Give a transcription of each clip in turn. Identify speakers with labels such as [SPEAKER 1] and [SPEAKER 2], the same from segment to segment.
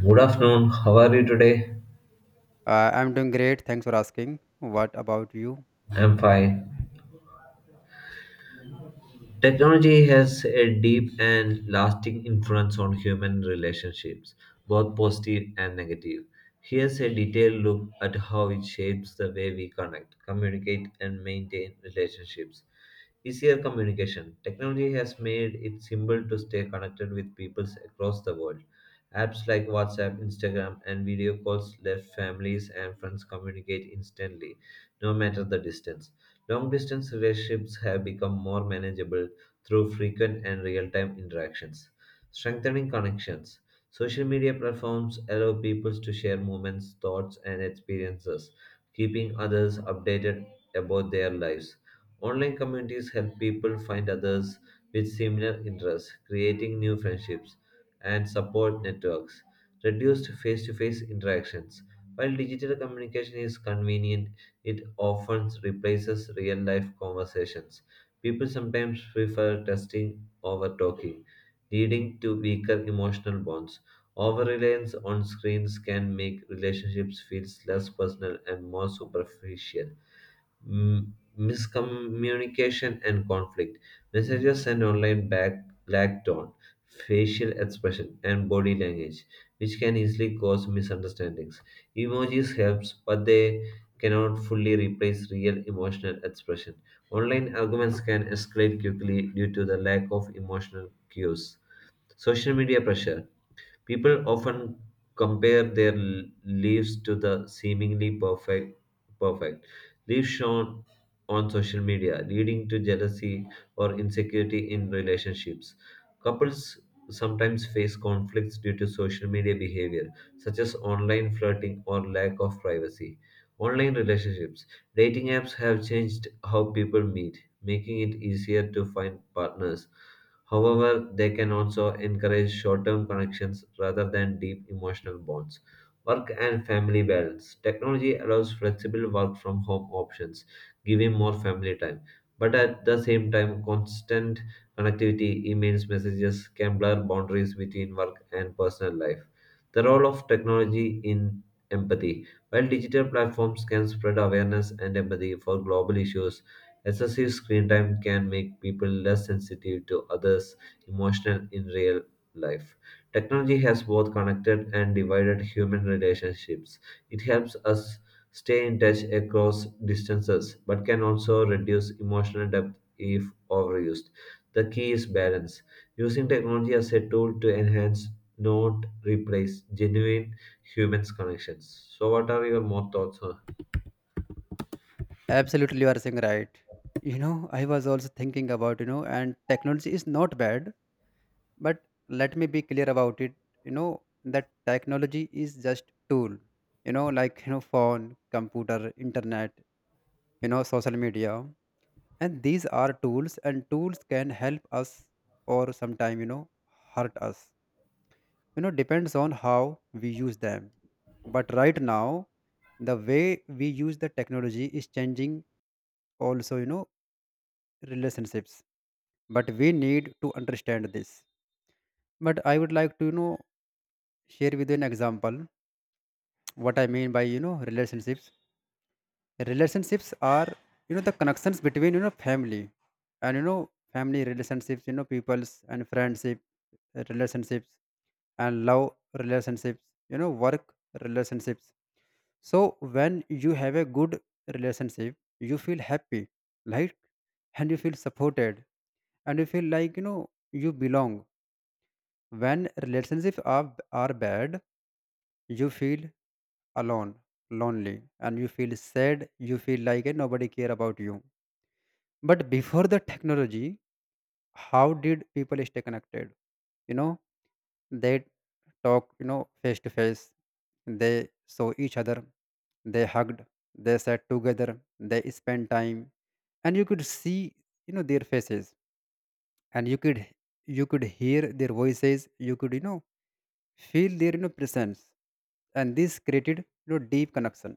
[SPEAKER 1] Good afternoon. How are you today?
[SPEAKER 2] I'm doing great. Thanks for asking. What about you?
[SPEAKER 1] I'm fine. Technology has a deep and lasting influence on human relationships, both positive and negative. Here's a detailed look at how it shapes the way we connect, communicate, and maintain relationships. Easier communication. Technology has made it simple to stay connected with people across the world. Apps like WhatsApp, Instagram, and video calls let families and friends communicate instantly, no matter the distance. Long distance relationships have become more manageable through frequent and real time interactions. Strengthening connections. Social media platforms allow people to share moments, thoughts, and experiences, keeping others updated about their lives. Online communities help people find others with similar interests, creating new friendships and support networks. Reduced face to face interactions. While digital communication is convenient, it often replaces real life conversations. People sometimes prefer testing over talking, leading to weaker emotional bonds. Over reliance on screens can make relationships feel less personal and more superficial. Miscommunication and conflict. Messages sent online back lack tone, facial expression, and body language, which can easily cause misunderstandings. Emojis helps, but they cannot fully replace real emotional expression. Online arguments can escalate quickly due to the lack of emotional cues. Social media pressure. People often compare their lives to the seemingly perfect lives shown on social media, leading to jealousy or insecurity in relationships. Couples sometimes face conflicts due to social media behavior, such as online flirting or lack of privacy. Online relationships. Dating apps have changed how people meet, making it easier to find partners. However, they can also encourage short term connections rather than deep emotional bonds. Work and family balance. Technology allows flexible work from home options, giving more family time. But at the same time, constant connectivity, emails, messages can blur boundaries between work and personal life. The role of technology in empathy. While digital platforms can spread awareness and empathy for global issues, excessive screen time can make people less sensitive to others' emotional in real life. Technology has both connected and divided human relationships. It helps us stay in touch across distances, but can also reduce emotional depth if overused. The key is balance, using technology as a tool to enhance, not replace, genuine human connections. So, what are your more thoughts on?
[SPEAKER 2] Absolutely, you are saying right. I was also thinking about, and technology is not bad, but let me be clear about it. That technology is just tool, like, phone, computer, internet, social media. And these are tools and tools can help us or sometime, hurt us. Depends on how we use them. But right now, the way we use the technology is changing, also relationships, but we need to understand this. But I would like to share with you an example what I mean by relationships. Relationships are, the connections between family, and family relationships, people's, and friendship relationships, and love relationships, work relationships. So when you have a good relationship, you feel happy, right? And you feel supported, and you feel like you belong. When relationships are bad, you feel alone, lonely, and you feel sad. You feel like nobody care about you. But before the technology, how did people stay connected? You know, they talk, face to face. They saw each other. They hugged. They sat together. They spent time, and you could see their faces, and you could hear their voices. You could feel their presence, and this created deep connection.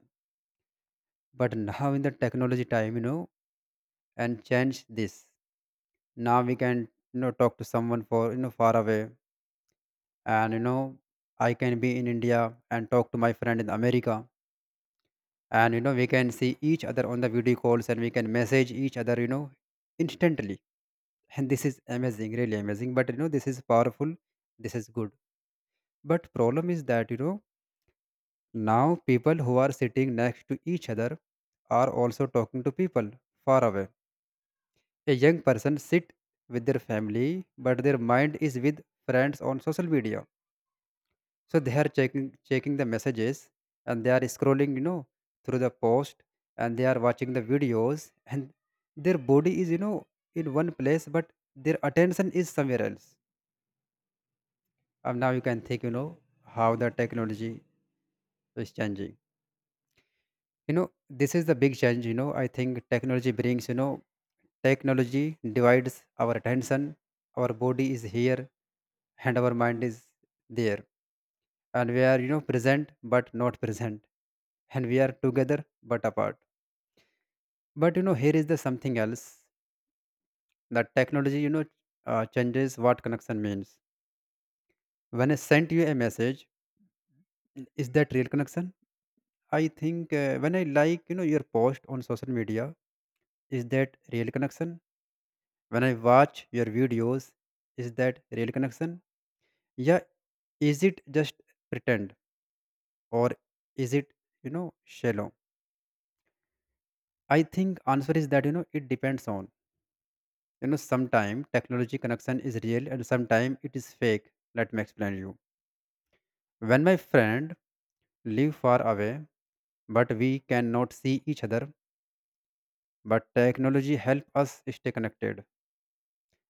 [SPEAKER 2] But now in the technology time, and change this. Now we can talk to someone for far away. And I can be in India and talk to my friend in America. And we can see each other on the video calls, and we can message each other instantly. And this is amazing, really amazing. But this is powerful, this is good. But problem is that now people who are sitting next to each other are also talking to people far away. A young person sit with their family, but their mind is with friends on social media. So they are checking the messages, and they are scrolling through the post, and they are watching the videos, and their body is in one place, but their attention is somewhere else. Now you can think, how the technology is changing. This is the big change. I think technology brings, technology divides our attention. Our body is here and our mind is there. And we are, present but not present. And we are together but apart. But, here is the something else that technology, changes what connection means. When I sent you a message, is that real connection? I think when I like your post on social media. Is that real connection? When I watch your videos, is that real connection? Yeah, is it just pretend or is it, shallow? I think answer is that, it depends on. Sometime technology connection is real and sometime it is fake. Let me explain you. When my friend live far away, but we cannot see each other, but technology help us stay connected.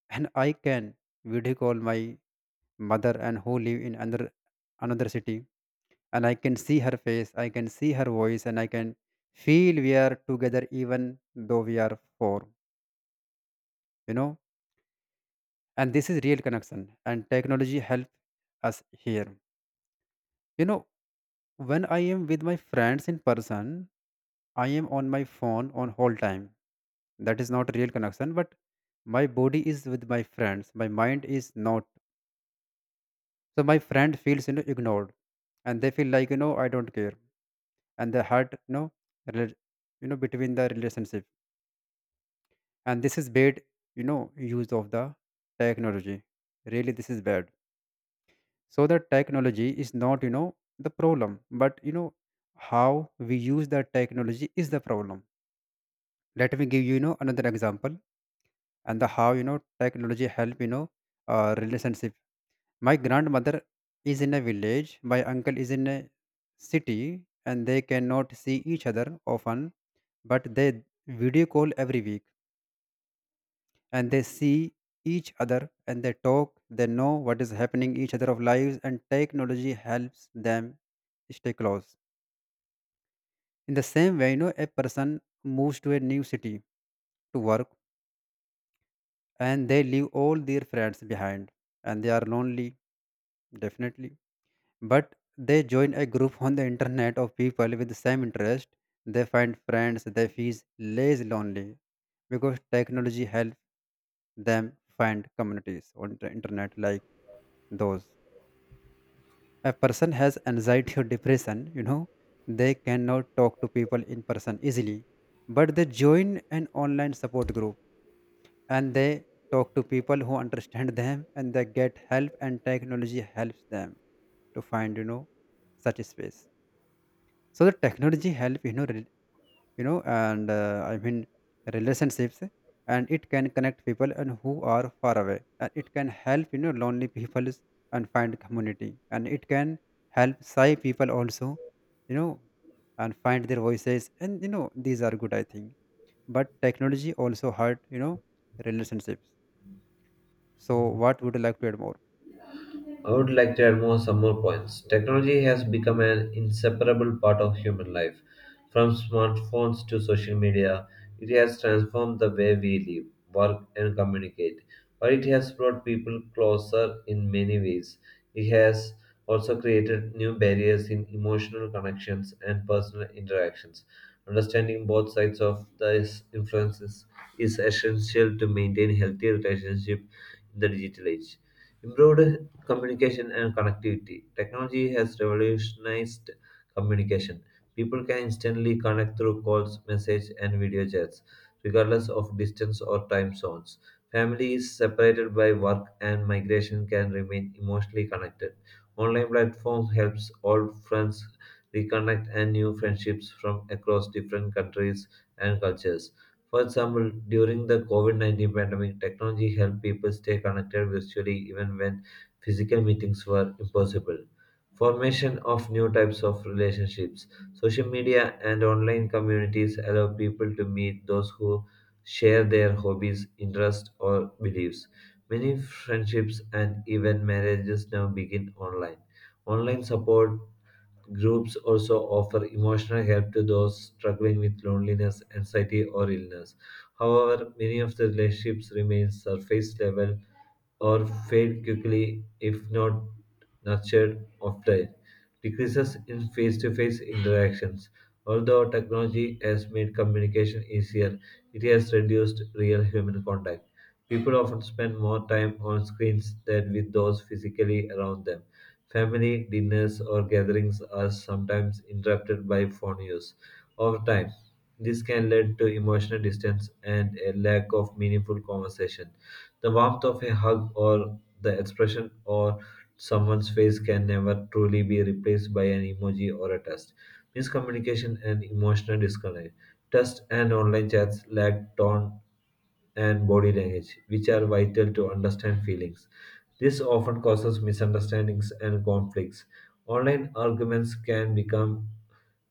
[SPEAKER 2] And I can video call my mother and who live in another city, and I can see her face, I can see her voice, and I can feel we are together even though we are four, you know. And this is real connection, and technology help us here. You know, when I am with my friends in person, I am on my phone on whole time. That is not real connection, but my body is with my friends. My mind is not. So my friend feels ignored, and they feel like I don't care, and the hurt rela- between the relationship, and this is bad you know use of the technology. Really this is bad. So the technology is not the problem, but how we use the technology is the problem. Let me give you, you know another example, and the how technology help relationship. My grandmother is in a village, my uncle is in a city, and they cannot see each other often, but they video call every week, and they see each other, and they talk. They know what is happening each other of lives, and technology helps them stay close. In the same way, a person moves to a new city to work, and they leave all their friends behind, and they are lonely, definitely. But they join a group on the internet of people with the same interest. They find friends, they feel less lonely, because technology helps them find communities on the internet, like those. A person has anxiety or depression, they cannot talk to people in person easily. But they join an online support group, and they talk to people who understand them, and they get help, and technology helps them to find such a space. So the technology help and I mean relationships, and it can connect people and who are far away, and it can help lonely people and find community, and it can help shy people also, you know and find their voices, and these are good, I think. But technology also hurt relationships. So, what would you like to add more?
[SPEAKER 1] I would like to add more some more points. Technology has become an inseparable part of human life. From smartphones to social media, it has transformed the way we live, work, and communicate. While it has brought people closer in many ways, it has also created new barriers in emotional connections and personal interactions. Understanding both sides of these influences is essential to maintain healthy relationships in the digital age. Improved communication and connectivity. Technology has revolutionized communication. People can instantly connect through calls, message, and video chats, regardless of distance or time zones. Families separated by work and migration can remain emotionally connected. Online platform helps old friends reconnect and new friendships from across different countries and cultures. For example, during the COVID COVID-19 pandemic, technology helped people stay connected virtually even when physical meetings were impossible. Formation of new types of relationships. Social media and online communities allow people to meet those who share their hobbies, interests, or beliefs. Many friendships and even marriages now begin online. Online support groups also offer emotional help to those struggling with loneliness, anxiety, or illness. However, many of the relationships remain surface level or fade quickly if not nurtured often. Decreases in face to face interactions. Although technology has made communication easier, it has reduced real human contact. People often spend more time on screens than with those physically around them. Family dinners or gatherings are sometimes interrupted by phone use. Over time, this can lead to emotional distance and a lack of meaningful conversation. The warmth of a hug or the expression on someone's face can never truly be replaced by an emoji or a text. Miscommunication and emotional disconnect. Text and online chats lack tone and body language, which are vital to understand feelings. This often causes misunderstandings and conflicts. Online arguments can become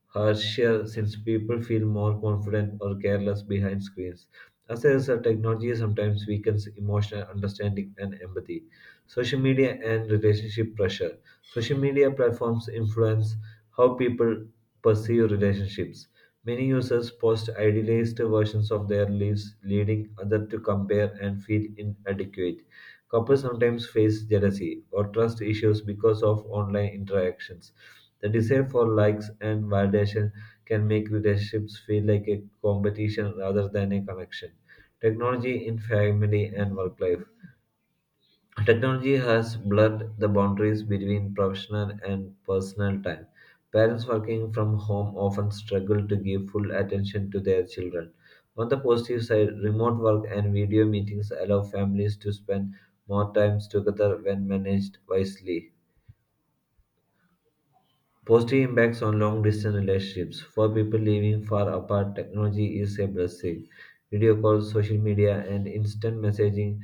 [SPEAKER 1] harsher since people feel more confident or careless behind screens. As a result, technology sometimes weakens emotional understanding and empathy. Social media and relationship pressure. Social media platforms influence how people perceive relationships. Many users post idealized versions of their lives, leading others to compare and feel inadequate. Couples sometimes face jealousy or trust issues because of online interactions. The desire for likes and validation can make relationships feel like a competition rather than a connection. Technology in family and work life. Technology has blurred the boundaries between professional and personal time. Parents working from home often struggle to give full attention to their children. On the positive side, remote work and video meetings allow families to spend more time together when managed wisely. Positive impacts on long distance relationships. For people living far apart, technology is a blessing. Video calls, social media, and instant messaging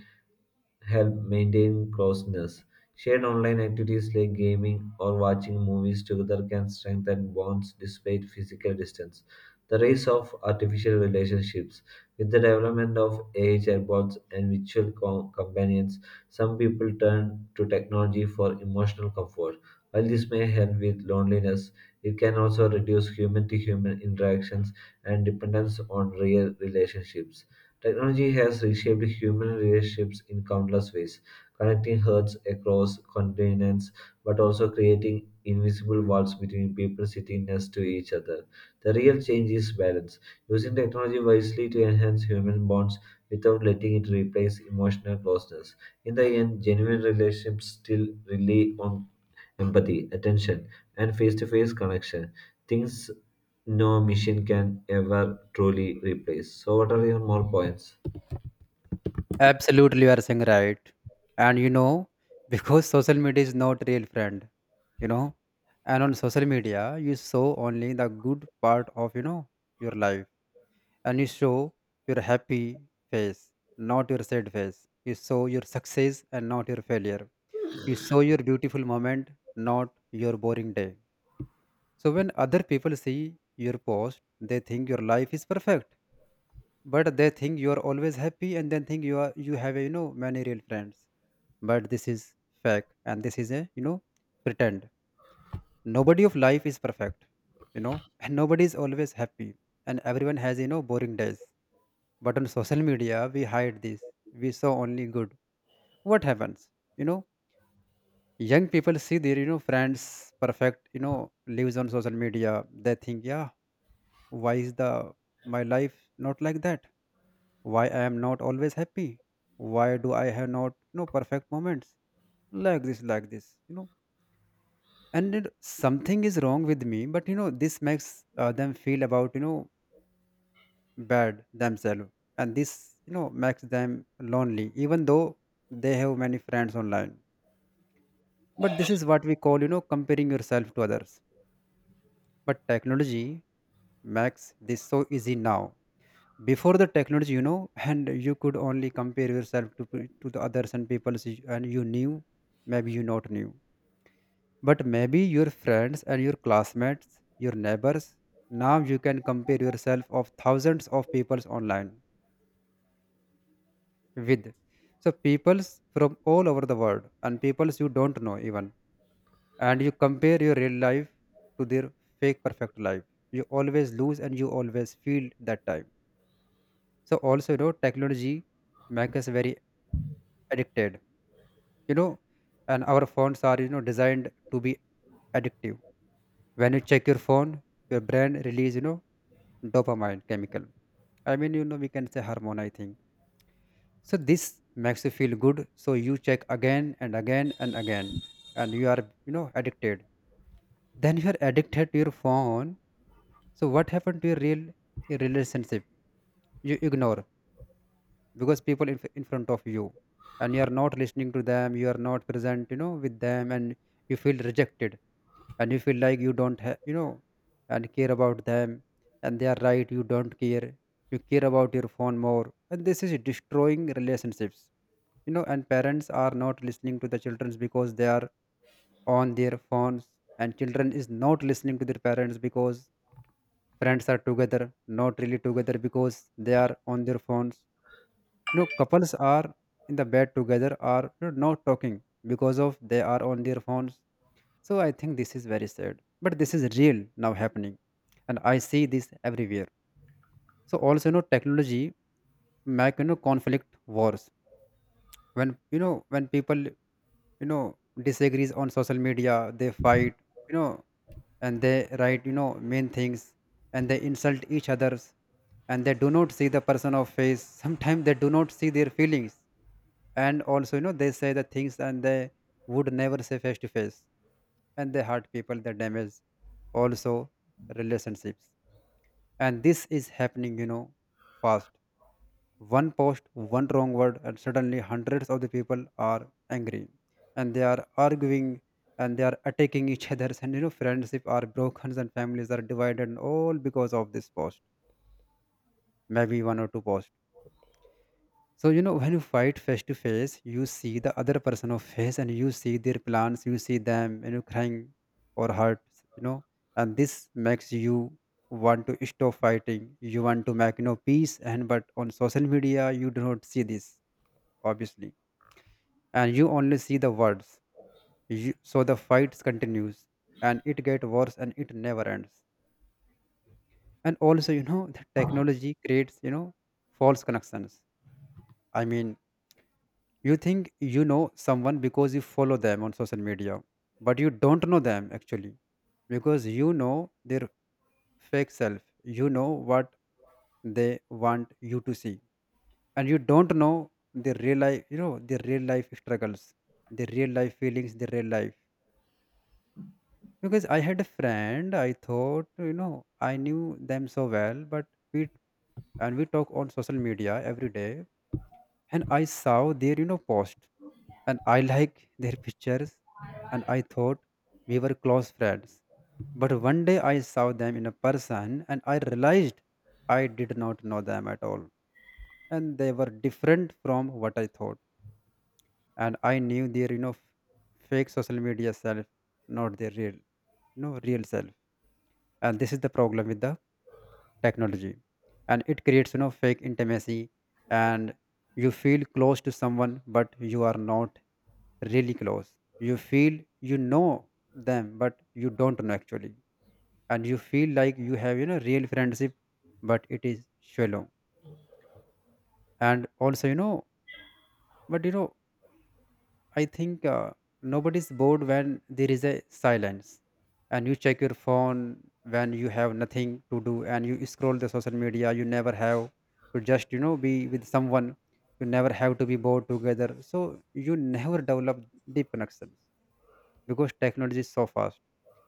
[SPEAKER 1] help maintain closeness. Shared online activities like gaming or watching movies together can strengthen bonds despite physical distance. The rise of artificial relationships. With the development of AI chatbots and virtual companions, some people turn to technology for emotional comfort. While this may help with loneliness, it can also reduce human to human interactions and dependence on real relationships. Technology has reshaped human relationships in countless ways, connecting hearts across continents but also creating invisible walls between people sitting next to each other. The real change is balance, using technology wisely to enhance human bonds without letting it replace emotional closeness. In the end, genuine relationships still rely on empathy, attention, and face to face connection. Things no machine can ever truly replace. So, what are your more points?
[SPEAKER 2] Absolutely, you are saying right. And because social media is not real friend, you know, and on social media you show only the good part of your life, and you show your happy face, not your sad face. You show your success and not your failure. You show your beautiful moment, not your boring day. So when other people see your post, they think your life is perfect, but they think you are always happy, and then think you have many real friends. But this is fake, and this is a pretend. Nobody of life is perfect, and nobody is always happy, and everyone has boring days, but on social media we hide this. We saw only good. What happens, you know young people see their friends perfect lives on social media. They think, yeah, why is the my life not like that? Why I am not always happy? Why do I have not perfect moments like this, like this, and something is wrong with me. But this makes, them feel about bad themselves. And this makes them lonely even though they have many friends online. But this is what we call comparing yourself to others. But technology makes this so easy now. Before the technology, and you could only compare yourself to to the others and people, and you knew, maybe you not knew. But maybe your friends and your classmates, your neighbors, now you can compare yourself of thousands of peoples online with. So peoples from all over the world, and peoples you don't know even. And you compare your real life to their fake perfect life. You always lose, and you always feel that time. So also technology make us very addicted. You know, and our phones are designed to be addictive. When you check your phone, your brain release dopamine chemical. I mean, we can say hormone, I think. So this makes you feel good. So you check again and again and again, and you are, addicted. Then you are addicted to your phone. So what happened to your real your relationship? You ignore because people in front of you, and you are not listening to them. You are not present, with them, and you feel rejected, and you feel like you don't have and care about them, and they are right, you don't care, you care about your phone more, and this is destroying relationships. And parents are not listening to the children because they are on their phones, and children is not listening to their parents because friends are together, not really together because they are on their phones. Couples are in the bed together, are, not talking, because of they are on their phones. So I think this is very sad, but this is real now happening, and I see this everywhere. So also, technology make conflict wars when people disagrees on social media, they fight, you know, and they write mean things, and they insult each others, and they do not see the person of face. Sometimes they do not see their feelings, and also they say the things and they would never say face to face, and they hurt people, they damage also relationships. And this is happening fast. One post, one wrong word, and suddenly hundreds of the people are angry, and they are arguing, and they are attacking each other, and friendship are broken and families are divided, and all because of this post, maybe one or two posts. So, when you fight face to face, you see the other person of face and you see their plans, you see them, crying or hurt, you know, and this makes you want to stop fighting. You want to make, peace. And but on social media, you do not see this, obviously. And you only see the words. So the fights continues, and it get worse, and it never ends. And also, the technology creates, false connections. I mean, you think you know someone because you follow them on social media, but you don't know them actually, because their fake self. You know what they want you to see, and you don't know their real life. You know their real life struggles, their real life feelings, their real life. Because I had a friend, I thought I knew them so well, but we we talk on social media every day, and I saw their post, and I like their pictures, and I thought we were close friends. But one day I saw them in a person, and I realized I did not know them at all. And they were different from what I thought. And I knew their, fake social media self, not their real, no real self. And this is the problem with the technology, and it creates fake intimacy. And you feel close to someone, but you are not really close. You feel you know them, but you don't know actually. And you feel like you have real friendship, but it is shallow. And also, but I think nobody's bored when there is a silence, and you check your phone when you have nothing to do, and you scroll the social media. You never have to just be with someone. You never have to be bored together. So you never develop deep connections, because technology is so fast.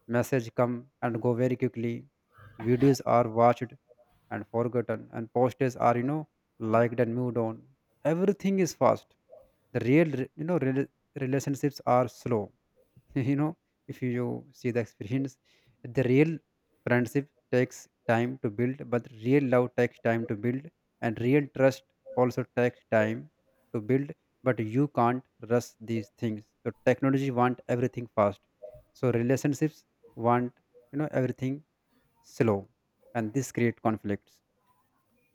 [SPEAKER 2] Message come and go very quickly. Videos are watched and forgotten, and posters are liked and moved on. Everything is fast. The real relationships are slow. you know if you see the experience, the real friendship takes time to build, but real love takes time to build, and real trust also takes time to build. But you can't rush these things. So technology want everything fast, so relationships want everything slow, and this create conflicts.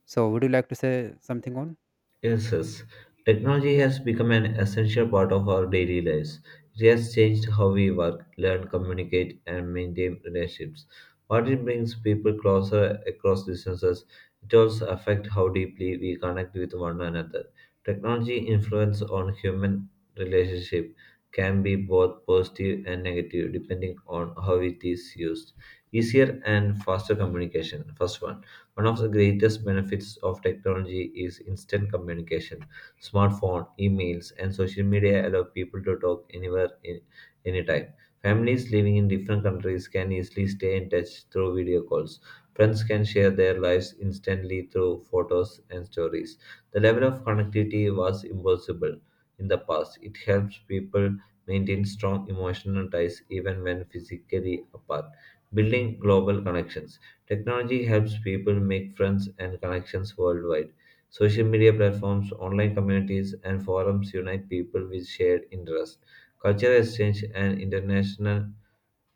[SPEAKER 2] So would you like to say something on?
[SPEAKER 1] Yes, yes. Technology has become an essential part of our daily lives. It has changed how we work, learn, communicate, and maintain relationships. While it brings people closer across distances, it also affects how deeply we connect with one another. Technology influence on human relationship can be both positive and negative depending on how it is used. Easier and faster communication. First one. One of the greatest benefits of technology is instant communication. Smartphone, emails, and social media allow people to talk anywhere, anytime. Families living in different countries can easily stay in touch through video calls. Friends can share their lives instantly through photos and stories. The level of connectivity was impossible in the past. It helps people maintain strong emotional ties even when physically apart. Building global connections. Technology helps people make friends and connections worldwide. Social media platforms, online communities, and forums unite people with shared interests. Cultural exchange and international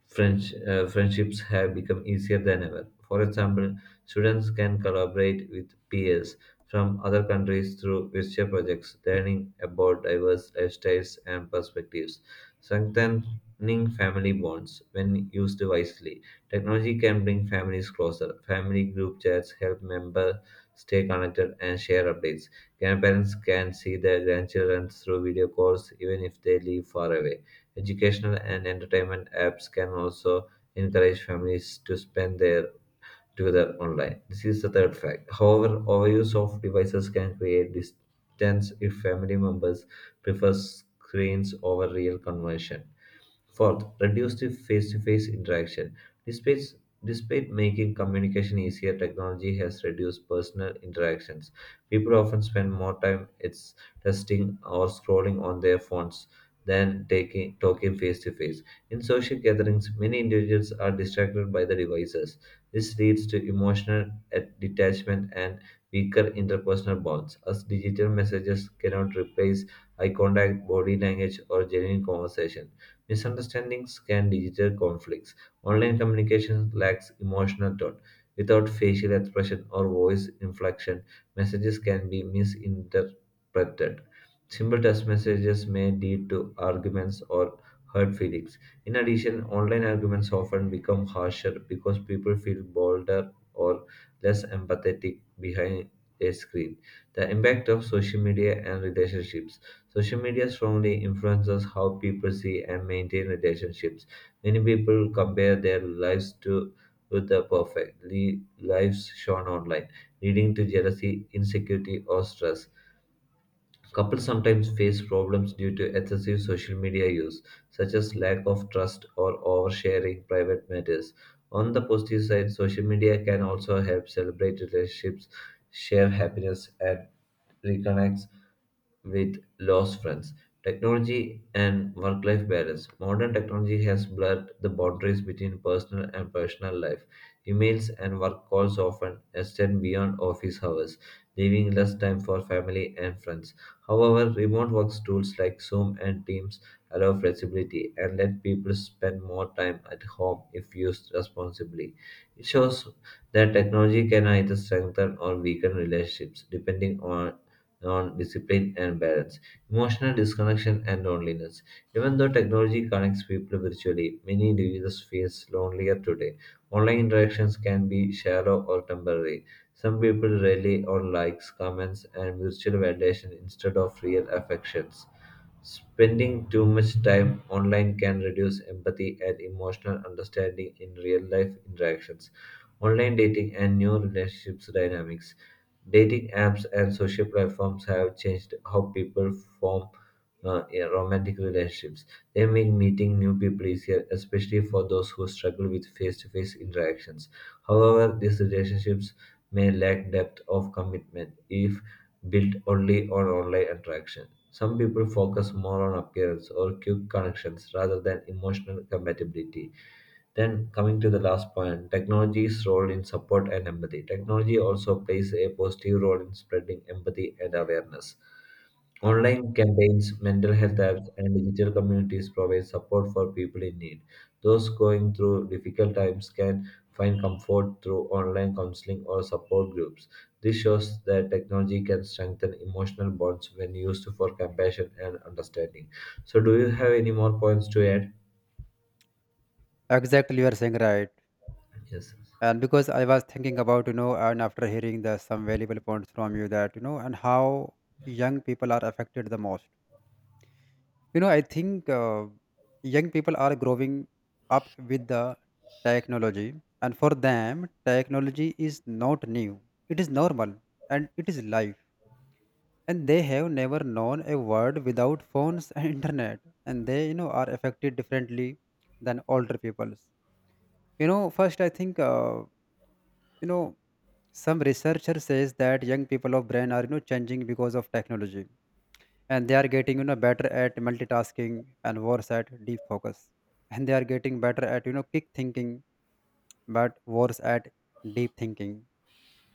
[SPEAKER 1] Friendships have become easier than ever. For example, students can collaborate with peers from other countries through virtual projects, learning about diverse lifestyles and perspectives, strengthening family bonds when used wisely. Technology can bring families closer. Family group chats help members stay connected and share updates. Grandparents can see their grandchildren through video calls even if they live far away. Educational and entertainment apps can also encourage families to spend their together online. This is the third fact. However, overuse of devices can create distance if family members prefer screens over real conversation. Fourth, reduce the face-to-face interaction. Despite, despite making communication easier, technology has reduced personal interactions. People often spend more time it's testing or scrolling on their phones than taking talking face to face. In social gatherings, many individuals are distracted by the devices. This leads to emotional detachment and weaker interpersonal bonds, as digital messages cannot replace eye contact, body language, or genuine conversation. Misunderstandings can digital conflicts. Online communication lacks emotional tone. Without facial expression or voice inflection, messages can be misinterpreted. Simple text messages may lead to arguments or hurt feelings. In addition, online arguments often become harsher because people feel bolder or less empathetic behind a screen. The impact of social media and relationships. Social media strongly influences how people see and maintain relationships. Many people compare their lives to with the perfect lives shown online, leading to jealousy, insecurity, or stress. Couples sometimes face problems due to excessive social media use, such as lack of trust or oversharing private matters. On the positive side, social media can also help celebrate relationships, share happiness, and reconnect with lost friends. Technology and work life balance. Modern technology has blurred the boundaries between personal and professional life. Emails and work calls often extend beyond office hours, leaving less time for family and friends. However, remote work tools like Zoom and Teams allow flexibility and let people spend more time at home if used responsibly. It shows that technology can either strengthen or weaken relationships depending on discipline and balance, emotional disconnection and loneliness. Even though technology connects people virtually, many individuals feel lonelier today. Online interactions can be shallow or temporary, some people rely on likes, comments, and mutual validation instead of real affections. Spending too much time online can reduce empathy and emotional understanding in real life interactions. Online dating and new relationships dynamics. Dating apps and social platforms have changed how people form yeah, romantic relationships. They make meeting new people easier, especially for those who struggle with face to face interactions. However, these relationships may lack depth of commitment if built only on online interaction. Some people focus more on appearance or quick connections rather than emotional compatibility. Then, coming to the last point, technology's role in support and empathy. Technology also plays a positive role in spreading empathy and awareness. Online campaigns, mental health apps, and digital communities provide support for people in need. Those going through difficult times can find comfort through online counseling or support groups. This shows that technology can strengthen emotional bonds when used for compassion and understanding. So, do you have any more points to add?
[SPEAKER 2] Exactly, you are saying right.
[SPEAKER 1] Yes.
[SPEAKER 2] And because I was thinking about and after hearing the some valuable points from you that and how young people are affected the most. I think young people are growing up with the technology. And for them, technology is not new, it is normal, and it is life, and they have never known a world without phones and internet. And they are affected differently than older peoples. First, I think you know some researcher says that young people of brain are changing because of technology. And they are getting better at multitasking and worse at deep focus. And they are getting better at quick thinking, but worse at deep thinking.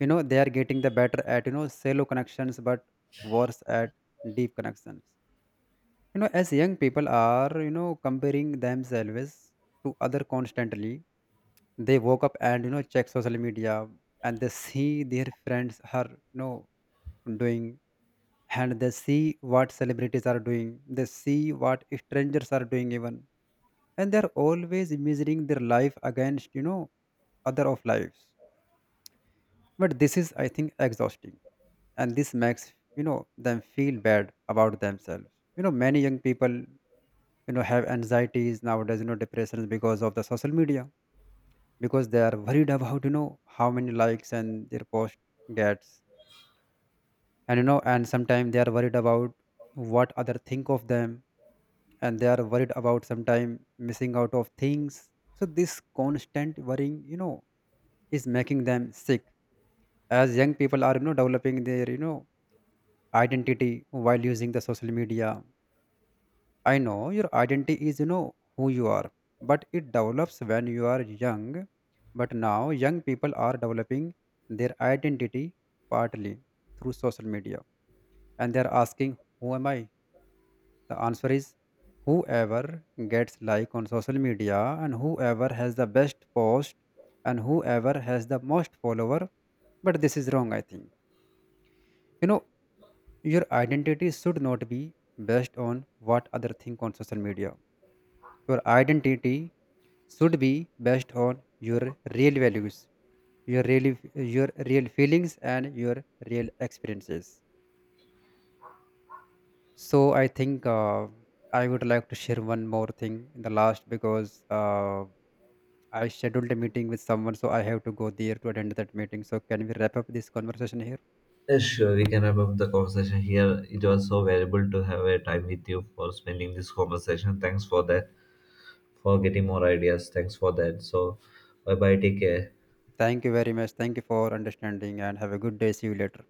[SPEAKER 2] They are getting the better at shallow connections, but worse at deep connections. As young people are comparing themselves to other constantly, they woke up, and check social media, and they see their friends are doing, and they see what celebrities are doing, they see what strangers are doing even. And they're always measuring their life against other of lives. But this is, I think, exhausting, and this makes them feel bad about themselves. Many young people have anxieties nowadays, depressions, because of the social media, because they are worried about how many likes and their post gets. And and sometimes they are worried about what other think of them, and they are worried about sometimes missing out of things. So this constant worrying, is making them sick. As young people are developing their, identity while using the social media. I know your identity is who you are, but it develops when you are young. But now young people are developing their identity partly through social media, and they are asking who am I. The answer is whoever gets like on social media, and whoever has the best post, and whoever has the most follower. But this is wrong, I think. You know, your identity should not be based on what other think on social media. Your identity should be based on your real values, your real feelings, and your real experiences. So I think I would like to share one more thing in the last because. I scheduled a meeting with someone, so I have to go there to attend that meeting. So, can we wrap up this conversation here?
[SPEAKER 1] Yes, sure. We can wrap up the conversation here. It was so valuable to have a time with you for spending this conversation. Thanks for that. For getting more ideas. Thanks for that. So, bye bye. Take care.
[SPEAKER 2] Thank you very much. Thank you for understanding, and have a good day. See you later.